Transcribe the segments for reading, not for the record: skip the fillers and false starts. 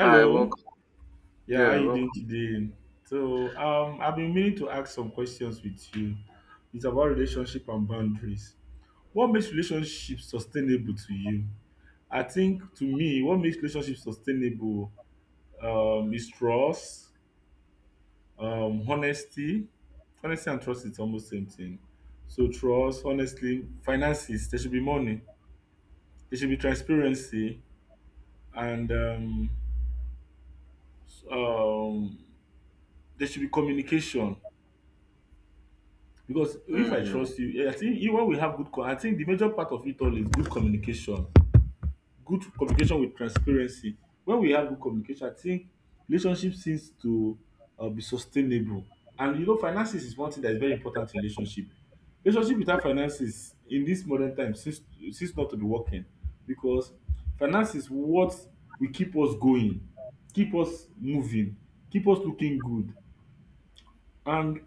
Hi, welcome. Yeah, how Yeah, you doing welcome. today? So, I've been meaning to ask some questions with you. It's about relationship and boundaries. What makes relationships sustainable to you? I think to me, what makes relationships sustainable is trust, honesty. Honesty and trust is almost same thing. So trust, honestly, finances. There should be money. There should be transparency, and s- um, there should be communication. Because if I Mm, trust you, I think you when we have I think the major part of it all is good communication with transparency. When we have good communication, I think relationship seems to be sustainable. And you know, finances is one thing that is very important in relationship. Relationship without finances in this modern time seems not to be working because finance is what will keep us going, keep us moving, keep us looking good. And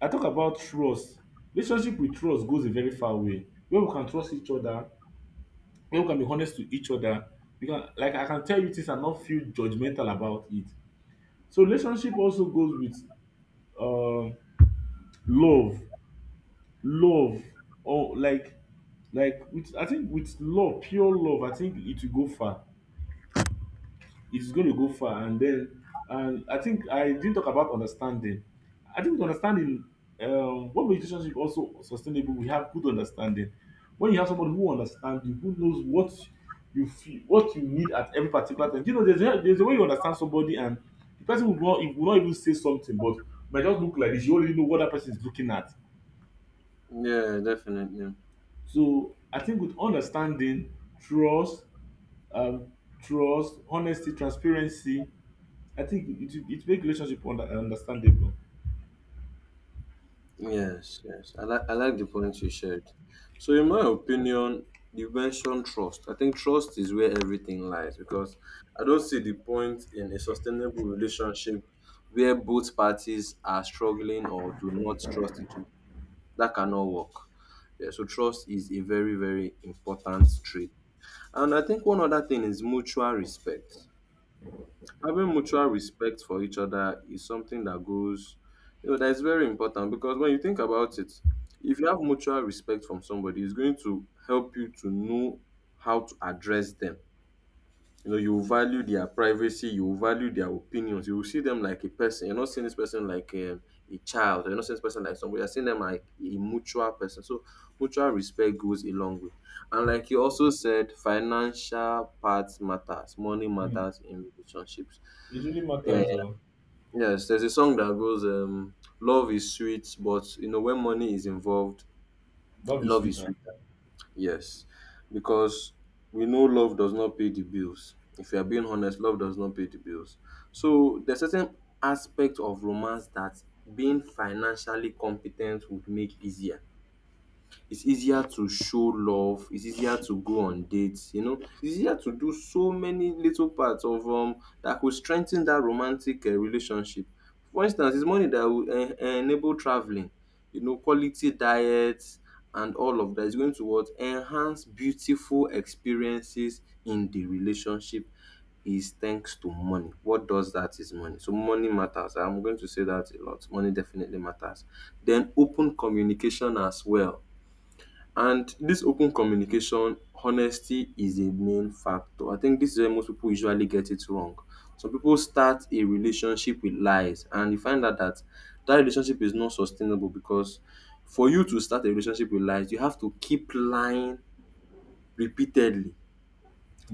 I talk about trust. Relationship with trust goes a very far way. When we can trust each other, when we can be honest to each other, we can like I can tell you things and not feel judgmental about it. So relationship also goes with um love, love or like with I think with love, pure love, I think it will go far. It's going to go far. And then, and I think I didn't talk about understanding. I think with understanding, what makes relationship also sustainable, we have good understanding. When you have somebody who understands you, who knows what you feel, what you need at every particular time. Do you know, there's a way you understand somebody, and the person will not even say something, but might just look like this. You already know what that person is looking at. yeah, definitely. So I think with understanding, trust, um, trust, honesty, transparency, I think it makes relationship understandable. Yes, yes. I like the points you shared. So, in my opinion, you mentioned trust. I think trust is where everything lies because I don't see the point in a sustainable relationship where both parties are struggling or do not trust each other. That cannot work. Yeah, so trust is a very, very important trait. And I think one other thing is mutual respect. Having mutual respect for each other is something that goes, you know, that is very important because when you think about it, if you have mutual respect from somebody, it's going to help you to know how to address them. You know, you value their privacy, you value their opinions, you will see them like a person. You're not seeing this person like a child, or you're not seeing this person like somebody. You're seeing them like a mutual person. So mutual respect goes a long way. And like you also said, financial parts matters, money Hmm. matters in relationships, It really yeah. matters. Yes, there's a song that goes, "Love is sweet, but you know when money is involved, Love is love is sweeter. sweeter." Yes, because we know love does not pay the bills. If you are being honest, love does not pay the bills. So there's certain aspect of romance that being financially competent would make easier. It's easier to show love, it's easier to go on dates, you know, it's easier to do so many little parts of that could strengthen that romantic relationship. For instance, it's money that will en enable travelling, you know, quality diet, and all of that is going to what? Enhance beautiful experiences in the relationship, is thanks to money. What does that is money. So money matters. I'm going to say that a lot. Money definitely matters. Then open communication as well. And this open communication, honesty is a main factor. I think this is where most people usually get it wrong. Some people start a relationship with lies, and you find out that that relationship is not sustainable because for you to start a relationship with lies, you have to keep lying repeatedly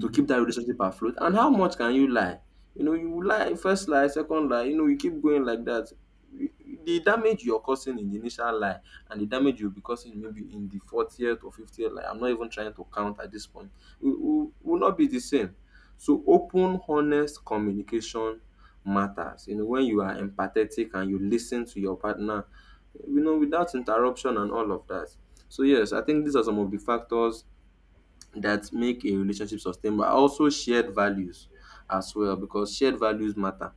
to keep that relationship afloat. And how much can you lie? You know, you lie first lie, second lie. You know, you keep going like that. You- The damage you're causing in the initial lie and the damage you'll be causing maybe in the 40th or 50th lie, I'm not even trying to count at this point, will not be the same. So, open, honest communication matters. You know, when you are empathetic and you listen to your partner, you know, without interruption and all of that. So, yes, I think these are some of the factors that make a relationship sustainable. I also shared values as well because shared values matter.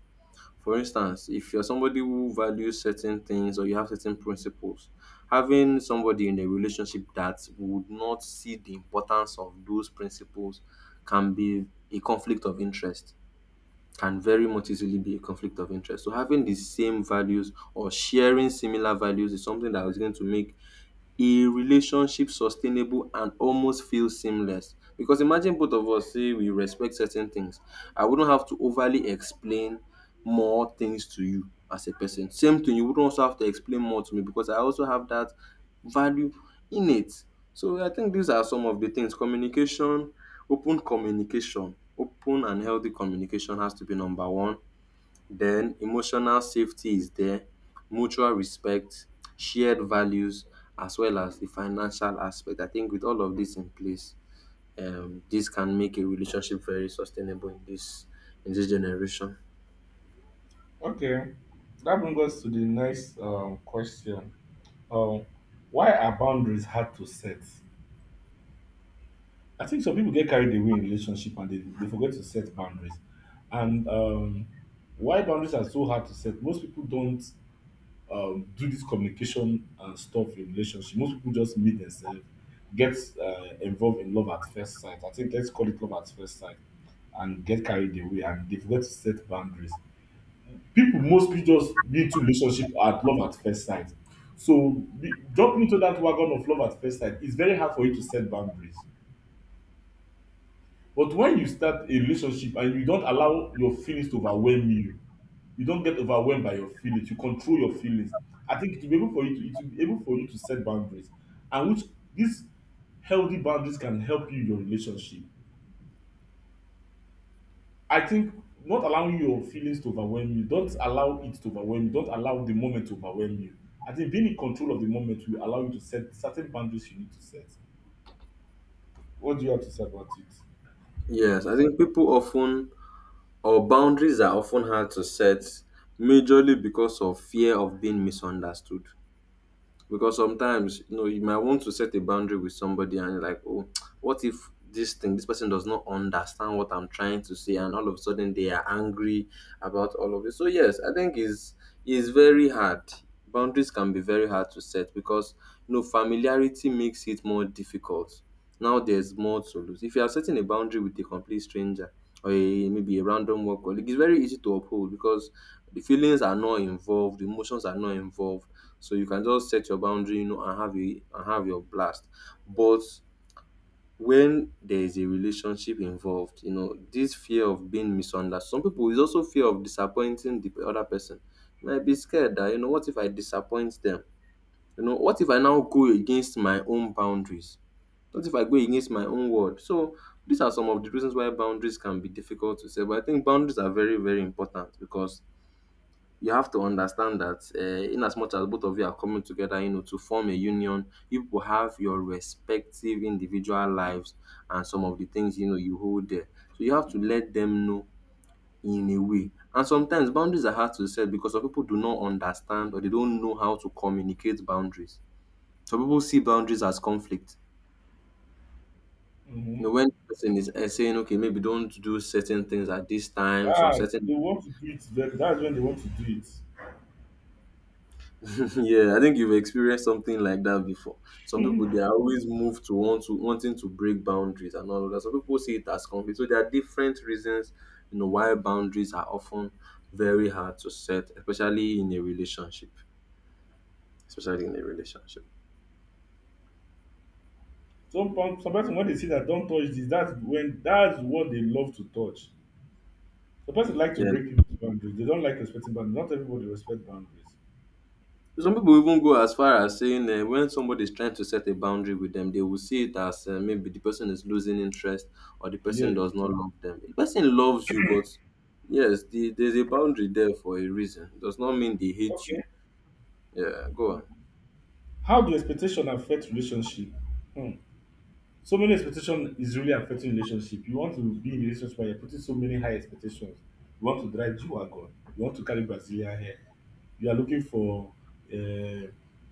For instance, if you're somebody who values certain things or you have certain principles, having somebody in a relationship that would not see the importance of those principles can be a conflict of interest. Can very much easily be a conflict of interest. So having the same values or sharing similar values is something that is going to make a relationship sustainable and almost feel seamless. Because imagine both of us say we respect certain things. I wouldn't have to overly explain more things to you as a person. Same thing, you wouldn't also have to explain more to me because I also have that value in it. So I think these are some of the things. Communication, open and healthy communication has to be number one. Then emotional safety is there, mutual respect, shared values, as well as the financial aspect. I think with all of this in place, this can make a relationship very sustainable in this generation. Okay, that brings us to the next question. Um, why are boundaries hard to set? I think some people get carried away in relationship and they forget to set boundaries. And why boundaries are so hard to set? Most people don't do this communication and stuff in relationship. Most people just meet themselves, get involved in love at first sight. I think let's call it love at first sight, and get carried away and they forget to set boundaries. People mostly just be into relationship at love at first sight. So be, jumping into that wagon of love at first sight, it's very hard for you to set boundaries. But when you start a relationship and you don't allow your feelings to overwhelm you, you don't get overwhelmed by your feelings. You control your feelings. I think it will be able for you to it will be able for you to set boundaries, and which these healthy boundaries can help you in your relationship. I think not allowing your feelings to overwhelm you, don't allow it to overwhelm you, don't allow the moment to overwhelm you. I think being in control of the moment will allow you to set certain boundaries you need to set. What do you have to say about it? Yes, I think people often or boundaries are often hard to set, majorly because of fear of being misunderstood. Because sometimes, you know, you might want to set a boundary with somebody and you're like, oh, what if this thing, this person does not understand what I'm trying to say, and all of a sudden they are angry about all of this. So yes, I think is very hard. Boundaries can be very hard to set because you know familiarity makes it more difficult. Now there's more to lose. If you are setting a boundary with a complete stranger or maybe a random work colleague, it's very easy to uphold because the feelings are not involved, the emotions are not involved. So you can just set your boundary, you know, and have a and have your blast. But when there is a relationship involved, you know, this fear of being misunderstood. Some people is also fear of disappointing the other person. Might be scared that, you know, what if I disappoint them? You know, what if I now go against my own boundaries? What if I go against my own word? So these are some of the reasons why boundaries can be difficult to set. But I think boundaries are very, very important because you have to understand that in as much as both of you are coming together, you know, to form a union, you people have your respective individual lives, and some of the things you know you hold there. So you have to let them know, in a way. And sometimes boundaries are hard to set because some people do not understand or they don't know how to communicate boundaries. Some people see boundaries as conflict. You know, Mm-hmm. when person is saying, okay, maybe don't do certain things at these times or Ah, certain. they want to do it. That's when they want to do it. Yeah, I think you've experienced something like that before. Some people they are always moved to wanting to break boundaries and all of that. Some people see it as conflict. So there are different reasons, you know, why boundaries are often very hard to set, especially in a relationship. Especially in a relationship. Some person when they see that don't touch this, that's when that's what they love to touch. The person like to Yeah. break people's boundaries. They don't like respecting boundaries. Not everybody respect boundaries. Some people even go as far as saying when somebody is trying to set a boundary with them, they will see it as maybe the person is losing interest or the person Yes. does not love them. The person loves you, but yes, there's a boundary there for a reason. Does not mean they hate you. Okay. Yeah, go on. How do expectation affect relationship? Hmm. So many expectation is really affecting relationship. You want to be in a relationship where you're putting so many high expectations. You want to drive G-Wagon. You want to carry Brazilian hair. You are looking for uh,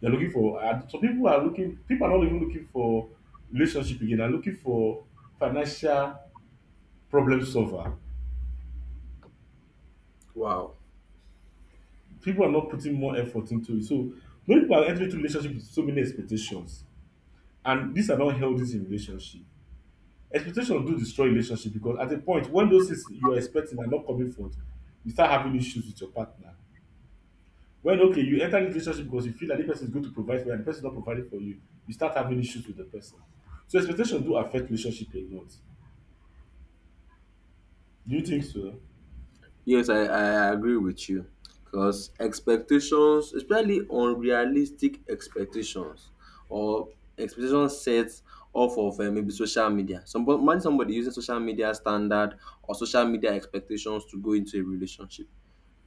some people are looking people are not even looking for relationship again, are looking for financial problem solver. Wow. People are not putting more effort into it. So many people are entering into relationship with so many expectations, and these are not healthy in relationship. Expectations do destroy relationship because at a point when those things you are expecting are not coming forth, you start having issues with your partner. When okay, you enter into relationship because you feel that this person is going to provide for you and the person is not providing for you, you start having issues with the person. So expectations do affect relationship a lot. Do you think so? Yes, I agree with you because expectations, especially unrealistic expectations or expectations set off of maybe social media. Somebody, imagine somebody using social media standard or social media expectations to go into a relationship.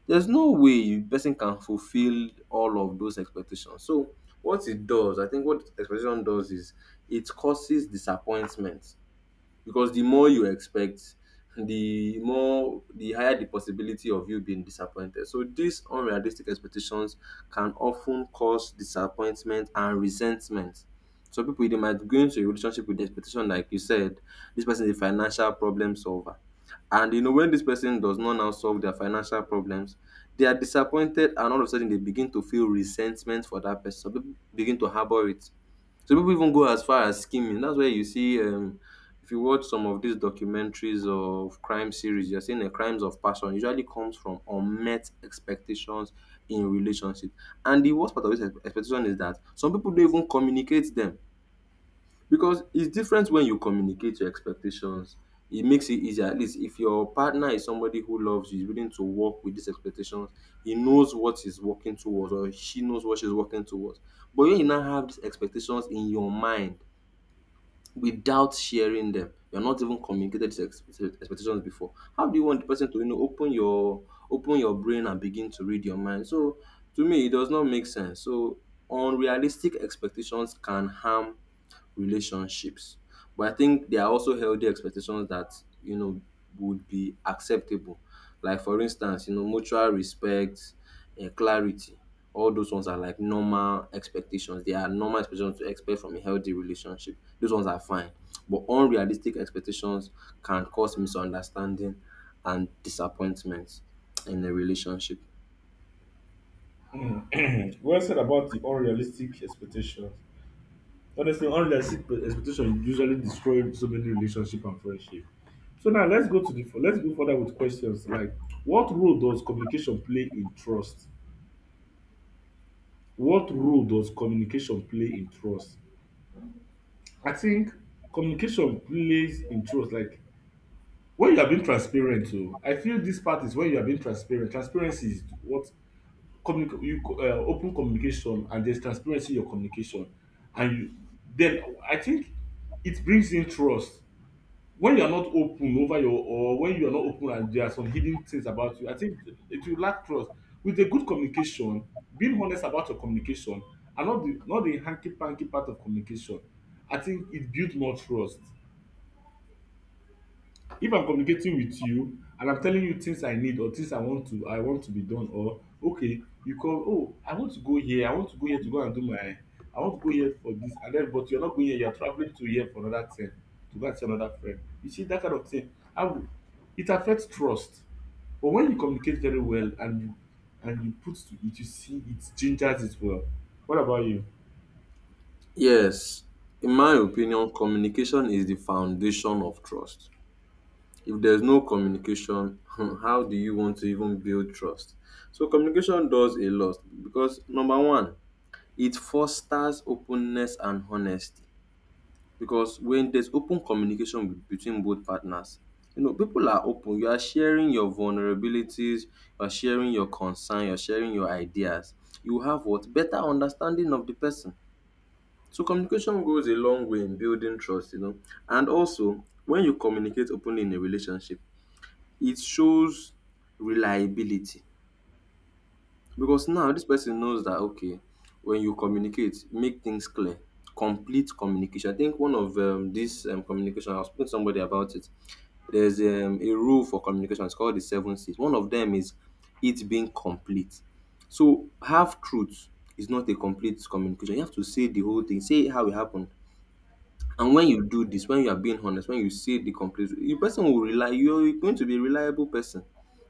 There's no way you person can fulfill all of those expectations. So what it does, I think what expectation does is it causes disappointment because the more you expect, the higher the possibility of you being disappointed. So these unrealistic expectations can often cause disappointment and resentment. Some people, they might go into a relationship with the expectation, like you said, this person is a financial problem solver, and you know when this person does not now solve their financial problems, they are disappointed, and all of a sudden they begin to feel resentment for that person. Some people begin to harbor it. Some pipu even go as far as skimming. Dat's where you see, if you watch some of dis documentaries of crime series, you're seeing the crimes of passion usually comes from unmet expectations in relationship. And the worst part of dis expectation is dat some pipu no even communicate dem. Because it's different when you communicate your expectations. It makes it easier. At least if your partner is somebody who loves you, is willing to work with these expectations, he knows what he's working towards or she knows what she's working towards. But when you now have these expectations in your mind without sharing them, you're not even communicated these expectations before. How do you want the person to, you know, open your brain and begin to read your mind? So to me, it does not make sense. So unrealistic expectations can harm relationships. But I think there are also healthy expectations that, you know, would be acceptable. Like for instance, you know, mutual respect, clarity. All those ones are like normal expectations. They are normal expectations to expect from a healthy relationship. Those ones are fine. But unrealistic expectations can cause misunderstanding and disappointment in a relationship. Well said about the unrealistic expectations. Honestly, unrealistic expectation usually destroy so many relationship and friendship. So now let's go further with questions like what role does communication play in trust? What role does communication play in trust? I think communication plays in trust. Like when you are being transparent, too, I feel this part is when you are being transparent. Transparency is what open communication and there's transparency in your communication, and you, then I think it brings in trust when you are not open over your or when you are not open and there are some hidden things about you, I think it will lack trust. With a good communication, being honest about your communication and not the hanky panky part of communication, I think it builds more trust. If I'm communicating with you and I'm telling you things I need or things I want to be done or okay you come oh I want to go here to go and do my I want to go here for this and then but you're not going here, you're traveling to here for another thing to go and see another friend. You see that kind of thing, how it affects trust. But when you communicate very well and you put to it, you see it gingers it well. What about you? Yes, in my opinion, communication is the foundation of trust. If there's no communication, how do you want to even build trust? So communication does a lot because, number one, it fosters openness and honesty. Because when there's open communication between both partners, you know, people are open, you are sharing your vulnerabilities, you're sharing your concern, you're sharing your ideas, you have what, better understanding of the person. So communication goes a long way in building trust, you know. And also, when you communicate openly in a relationship, it shows reliability. Because now this person knows that, okay, when you communicate, make things clear. Complete communication. I think one of this communication, I was speaking to somebody about it. There's a rule for communication. It's called the seven C's. One of them is it being complete. So half truth is not a complete communication. You have to say the whole thing. Say how it happened. And when you do this, when you are being honest, when you say the complete, the person will rely, you're going to be a reliable person.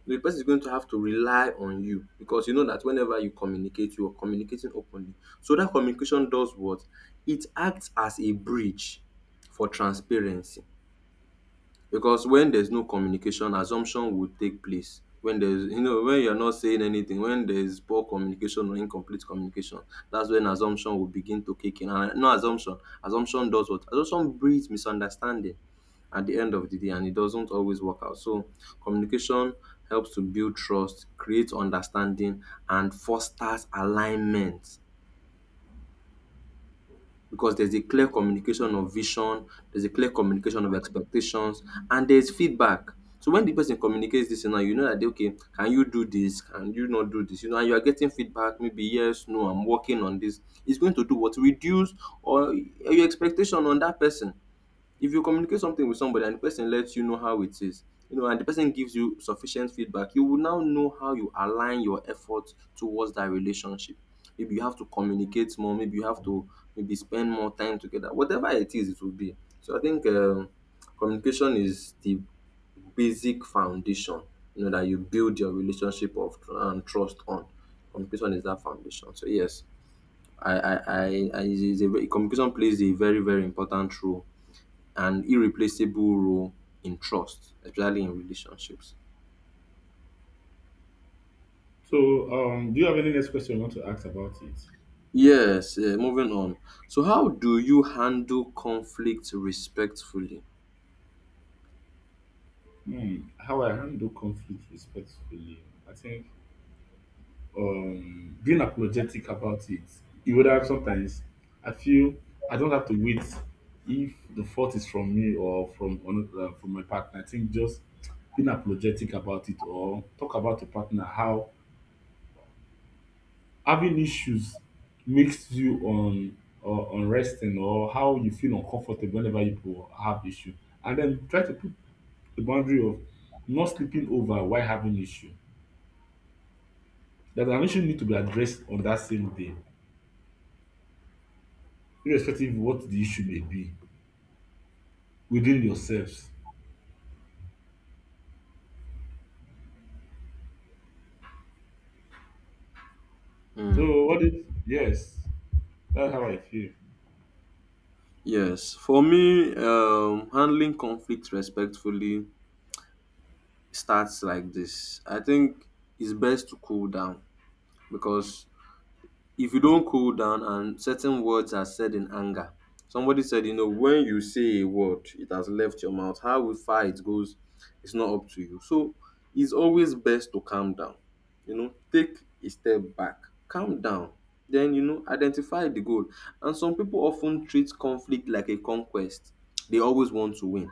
The person is going to have to rely on you because you know that whenever you communicate, you are communicating openly. So that communication does what? It acts as a bridge for transparency. Because when there's no communication, assumption would take place. When there's, you know, when you're not saying anything, when there's poor communication or incomplete communication, that's when assumption will begin to kick in. And no, assumption, assumption does what? Assumption breeds misunderstanding at the end of the day, and it doesn't always work out. So communication helps to build trust, create understanding, and fosters alignment. Because there's a clear communication of vision, there's a clear communication of expectations, and there's feedback. So when the person communicates this now, you know that they, okay, can you do this? Can you not do this? You know, and you are getting feedback, maybe yes, no, I'm working on this. It's going to do what, reduce or your expectation on that person. If you communicate something with somebody and the person lets you know how it is, you know, and the person gives you sufficient feedback, you will now know how you align your efforts towards that relationship. Maybe you have to communicate more, maybe you have to maybe spend more time together. Whatever it is, it will be. So I think communication is the basic foundation, you know, that you build your relationship of and trust on. Communication is that foundation. So yes, I it is a, communication plays a very, very important role, an irreplaceable role in trust, especially in relationships. So do you have any next question you want to ask about it? Yes, moving on. So, how do you handle conflict respectfully? Hmm, how I handle conflict respectfully. I think being apologetic about it, it would have sometimes I feel I don't have to wait if the fault is from me or from another, from my partner. I think just being apologetic about it or talk about your partner how having issues makes you on or unresting or how you feel uncomfortable whenever you have issue, and then try to put the boundary of not sleeping over while having issue, that an issue need to be addressed on that same day, irrespective of what the issue may be within yourselves. So what is yes, that's how I feel. Yes, for me, handling conflict respectfully starts like this. I think it's best to cool down because if you don't cool down and certain words are said in anger, somebody said, you know, when you say a word, it has left your mouth, how far it goes, it's not up to you. So it's always best to calm down, you know, take a step back, calm down, then, you know, identify the goal. And some people often treat conflict like a conquest, they always want to win.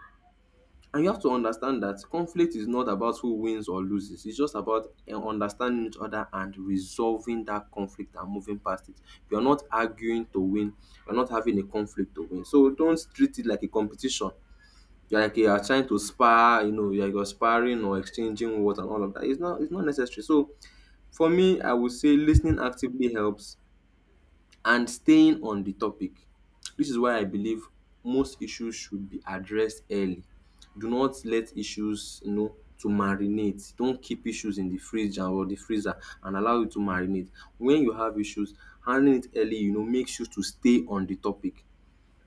And you have to understand that conflict is not about who wins or loses. It's just about understanding each other and resolving that conflict and moving past it. You're not arguing to win. You're not having a conflict to win. So don't treat it like a competition. You're like you are trying to spar, you know, you're sparring or exchanging words and all of that. It's not necessary. So for me, I would say listening actively helps and staying on the topic. This is why I believe most issues should be addressed early. Do not let issues, you know, to marinate. Don't keep issues in the fridge and or the freezer and allow it to marinate. When you have issues, handling it early, you know, makes you to stay on the topic.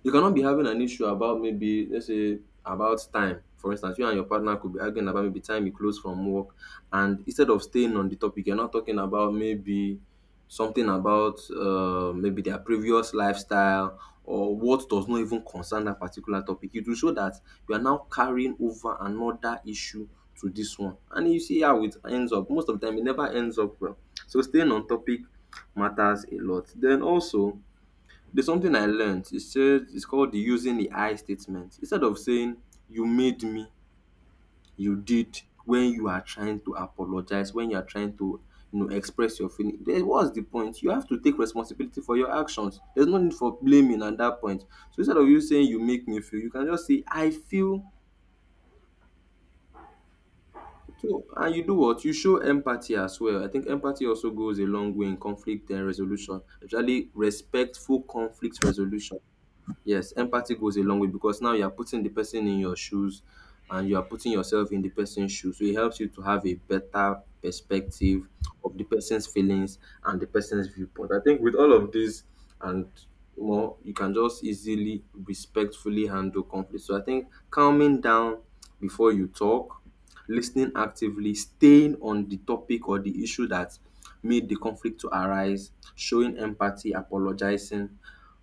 You cannot be having an issue about, maybe let's say about time. For instance, you and your partner could be arguing about maybe time you close from work, and instead of staying on the topic, you're now talking about maybe something about maybe their previous lifestyle or what does not even concern that particular topic. It will show that you are now carrying over another issue to this one. And you see how it ends up. Most of the time, it never ends up well. So staying on topic matters a lot. Then also, there's something I learned. It says, it's called the using the I statement. Instead of saying you made me, you did, when you are trying to apologize, when you are trying to, you know, express your feeling. Then what's the point? You have to take responsibility for your actions. There's no need for blaming at that point. So instead of you saying you make me feel, you can just say I feel. So, and you do what? You show empathy as well. I think empathy also goes a long way in conflict and resolution, especially respectful conflict resolution. Yes, empathy goes a long way because now you are putting the person in your shoes and you are putting yourself in the person's shoes. So it helps you to have a better perspective of the person's feelings and the person's viewpoint. I think with all of this and more, you can just easily, respectfully handle conflict. So I think calming down before you talk, listening actively, staying on the topic or the issue that made the conflict to arise, showing empathy, apologizing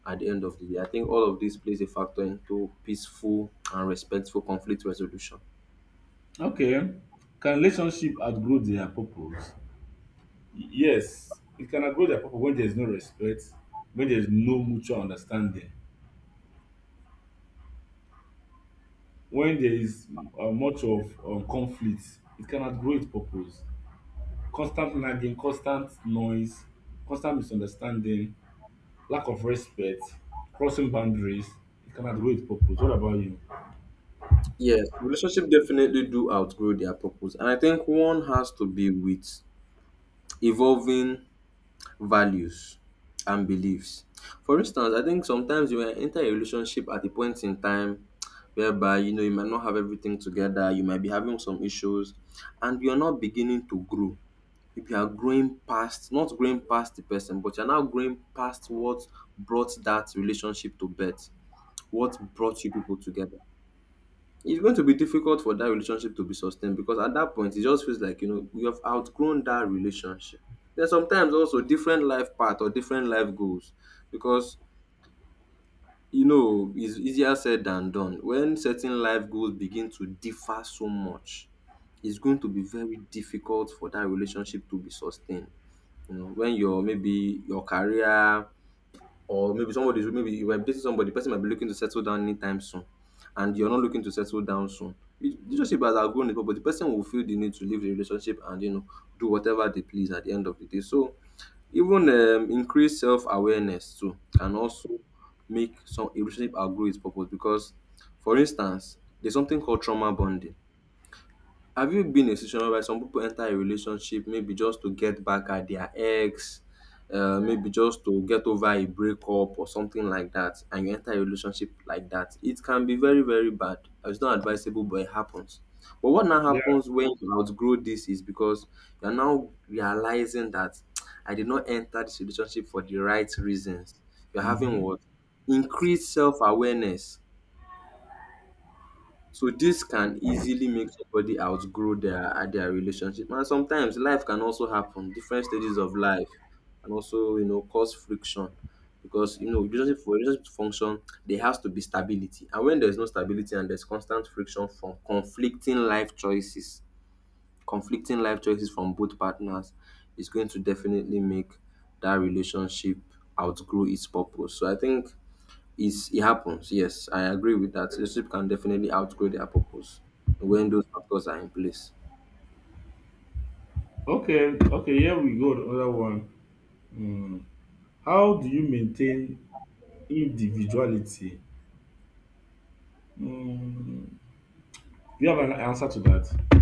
at the end of the day. I think all of this plays a factor into peaceful and respectful conflict resolution. Okay. Can relationship outgrow their purpose? Yes, it can outgrow their purpose when there is no respect, when there is no mutual understanding, when there is much of conflict. It can outgrow its purpose. Constant nagging, constant noise, constant misunderstanding, lack of respect, crossing boundaries. It can outweigh its purpose. What about you? Yes, relationship definitely do outgrow their purpose. And I think one has to be with evolving values and beliefs. For instance, I think sometimes you might enter a relationship at a point in time whereby, you know, you might not have everything together, you might be having some issues, and you're not beginning to grow. If you are growing past, not growing past the person, but you're now growing past what brought that relationship to birth, what brought you people together. It's going to be difficult for that relationship to be sustained because at that point it just feels like, you know, you have outgrown that relationship. Then sometimes also different life path or different life goals because, you know, it's easier said than done. When certain life goals begin to differ so much, it's going to be very difficult for that relationship to be sustained. You know, when your, maybe your career, or maybe somebody is, maybe you are dating somebody, the person might be looking to settle down anytime soon, and you're not looking to settle down soon. You just see but as outgrown it, but the person will feel the need to leave the relationship and, you know, do whatever they please at the end of the day. So even increased self awareness too can also make some a relationship outgrow its purpose because, for instance, there's something called trauma bonding. Have you been in a situation where some people enter a relationship maybe just to get back at their ex, maybe just to get over a breakup or something like that, and you enter a relationship like that? It can be very, very bad. It's not advisable, but it happens. But what now Yeah. happens when you outgrow this is because you're now realizing that I did not enter this relationship for the right reasons. You're having what? Increased self awareness. So this can easily make somebody outgrow their relationship. And sometimes life can also happen. Different stages of life, and also, you know, cause friction because, you know, relationship, for relationship to function, there has to be stability. And when there's no stability and there's constant friction from conflicting life choices from both partners is going to definitely make that relationship outgrow its purpose. So I think it's, it happens, yes, I agree with that. Relationship can definitely outgrow their purpose when those factors are in place. Okay. Okay. Here we go. Another one. How do you maintain individuality? Mm, do you have an answer to that?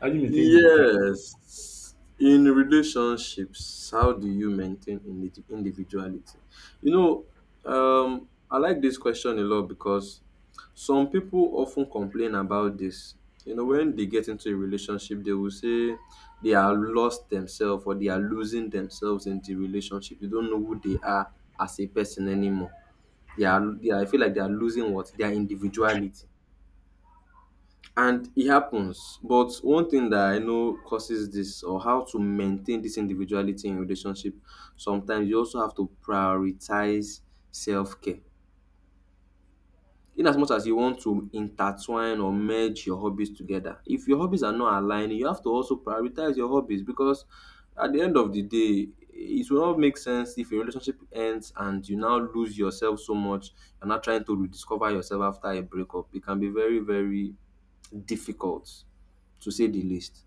How do you maintain individuality? Yes. In relationships, how do you maintain individuality? You know, I like this question a lot because some people often complain about this. You know, when they get into a relationship, they will say they are lost themselves or they are losing themselves in the relationship. They don't know who they are as a person anymore. They are I feel like they are losing what, their individuality. And it happens. But one thing that I know causes this, or how to maintain this individuality in relationship, sometimes you also have to prioritize self care. In as much as you want to intertwine or merge your hobbies together, if your hobbies are not aligning, you have to also prioritize your hobbies, because at the end of the day it will not make sense if a relationship ends and you now lose yourself so much and not trying to rediscover yourself after a breakup. It can be very, very difficult, to say the least.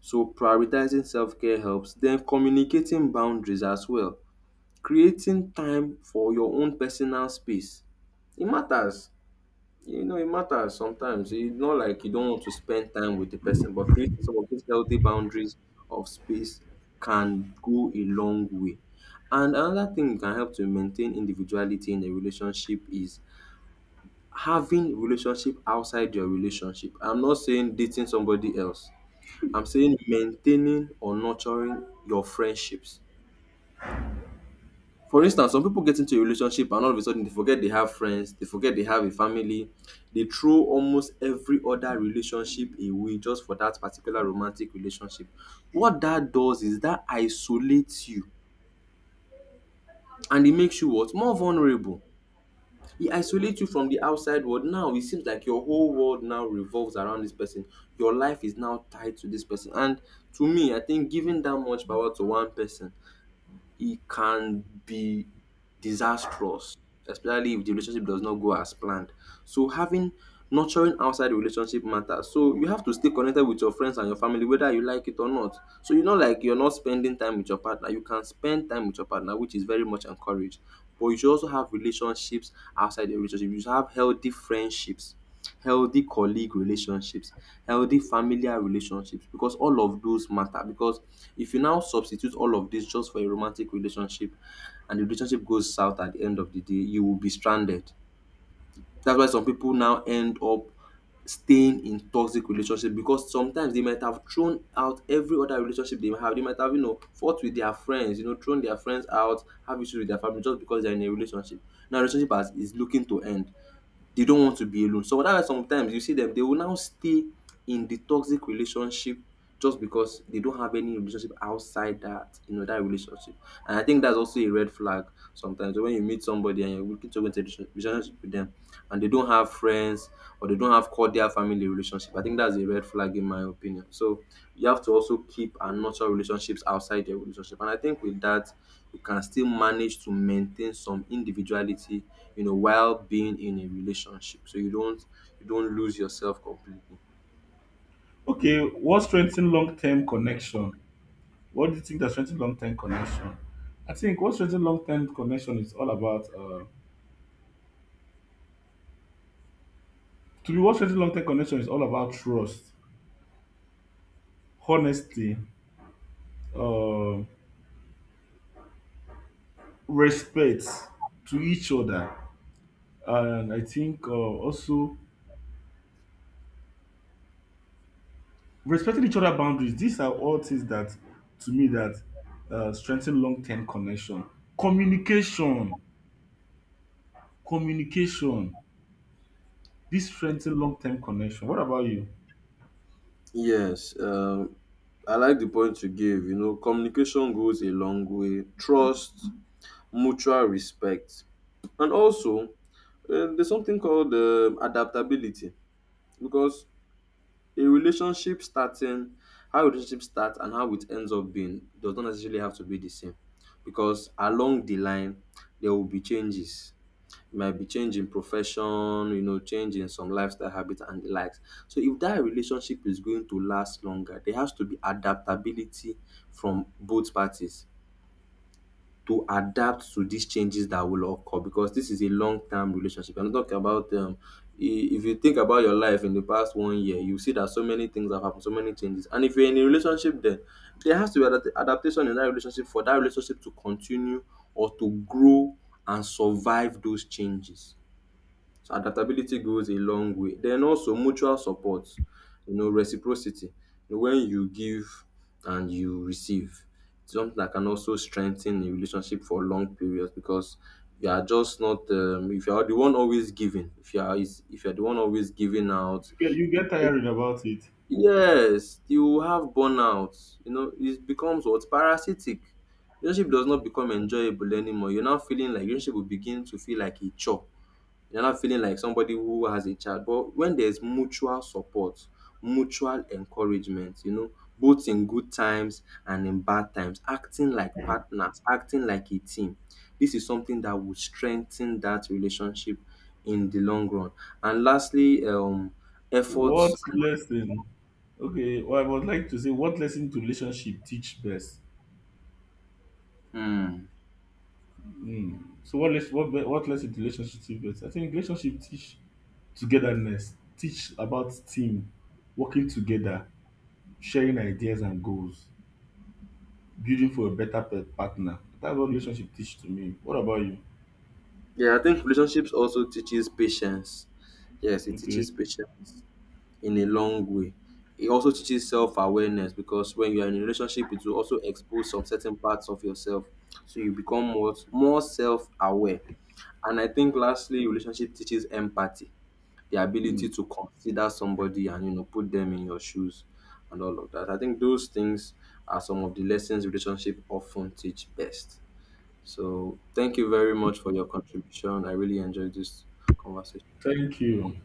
So prioritizing self-care helps, then communicating boundaries as well, creating time for your own personal space. It matters. It matters sometimes. It's not like you don't want to spend time with the person, but creating some of these healthy boundaries of space can go a long way. And another thing that can help to maintain individuality in a relationship is having relationship outside your relationship. I'm not saying dating somebody else. I'm saying maintaining or nurturing your friendships. For instance, some people get into a relationship and all of a sudden they forget they have friends, they forget they have a family, they throw almost every other relationship away just for that particular romantic relationship. What that does is that isolates you and it makes you what? More vulnerable. It isolates you from the outside world. Now it seems like your whole world now revolves around this person. Your life is now tied to this person, and to me I think giving that much power to one person, it can be disastrous, especially if the relationship does not go as planned. So having nurturing outside the relationship matters. So you have to stay connected with your friends and your family, whether you like it or not. So you know, like, you're not spending time with your partner. You can spend time with your partner, which is very much encouraged. But you should also have relationships outside the relationship. You should have healthy friendships, healthy colleague relationships, healthy familial relationships, because all of those matter. Because if you now substitute all of this just for a romantic relationship and the relationship goes south, at the end of the day, you will be stranded. That's why some people now end up staying in toxic relationship, because sometimes they might have thrown out every other relationship they have. They might have, you know, fought with their friends, you know, thrown their friends out, have issues with their family just because they're in a relationship. Now relationship has, is looking to end, they don't want to be alone. So that's why sometimes you see them, they will now stay in the toxic relationship just because they don't have any relationship outside that, you know, that relationship. And I think that's also a red flag sometimes. So when you meet somebody and you're looking to go into a relationship with them and they don't have friends, or they you don't have cordial family relationship, I think that's a red flag, in my opinion. So you have to also keep and nurture relationships outside your relationship. And I think with that, you can still manage to maintain some individuality, you know, while being in a relationship. So you don't lose yourself completely. Okay. What strengthens long-term connection? What do you think that strengthens long-term connection? I think what strengthens long-term connection is all about. To be What strengthens long-term connection is all about trust, honesty, uh, respect to each other. And I think also respecting each other boundaries. These are all things that, to me, that strengthen long-term connection. Communication, communication. This strengthen long-term connection. What about you? Yes, I like the point you gave. You know, communication goes a long way. Trust, mutual respect, and also there's something called adaptability, because A relationship starting how relationship start and how it ends up being does not necessarily have to be the same, because along the line there will be changes. It might be change in profession, you know, change in some lifestyle habits and the likes. So if that relationship is going to last longer, there has to be adaptability from both parties to adapt to these changes that will occur, because this is a long term relationship. I'm not talking about if you think about your life in the past 1 year, you see that so many things have happened, so many changes. And if you're in a relationship, then there has to be adaptation in that relationship for that relationship to continue or to grow and survive those changes. So adaptability goes a long way. Then also mutual support, you know, reciprocity. You know, when you give and you receive, it's something that can also strengthen a relationship for long periods, because you are just not if you are the one always giving, if you are the one always giving out, You it, get tired about it. yes, you will have burnout. You know, it becomes what, parasitic. Relationship does not become enjoyable anymore. You're now feeling like, relationship will begin to feel like a chore, you're not feeling like somebody who has a child. But when there's mutual support, mutual encouragement, you know, both in good times and in bad times, acting like partners, acting like a team, this is something that will strengthen that relationship in the long run. And lastly, efforts. What lesson? Okay, well, I would like to say what lesson to relationship teach best. Hmm. Mm. So what lesson to relationship teach best? I think relationship teach togetherness, teach about team, working together, sharing ideas and goals, building for a better pet partner. That's what relationship teach to me. What about you? Yeah, I think relationships also teaches patience. Yes, it Okay. teaches patience. In a long way. It also teaches self awareness, because when you are in a relationship, it will also expose some certain parts of yourself. So you become more self aware. And I think lastly, relationship teaches empathy, the ability to consider somebody and, you know, put them in your shoes and all of that. I think those things are some of the lessons relationship often teach best. So thank you very much for your contribution. I really enjoyed this conversation. Thank you.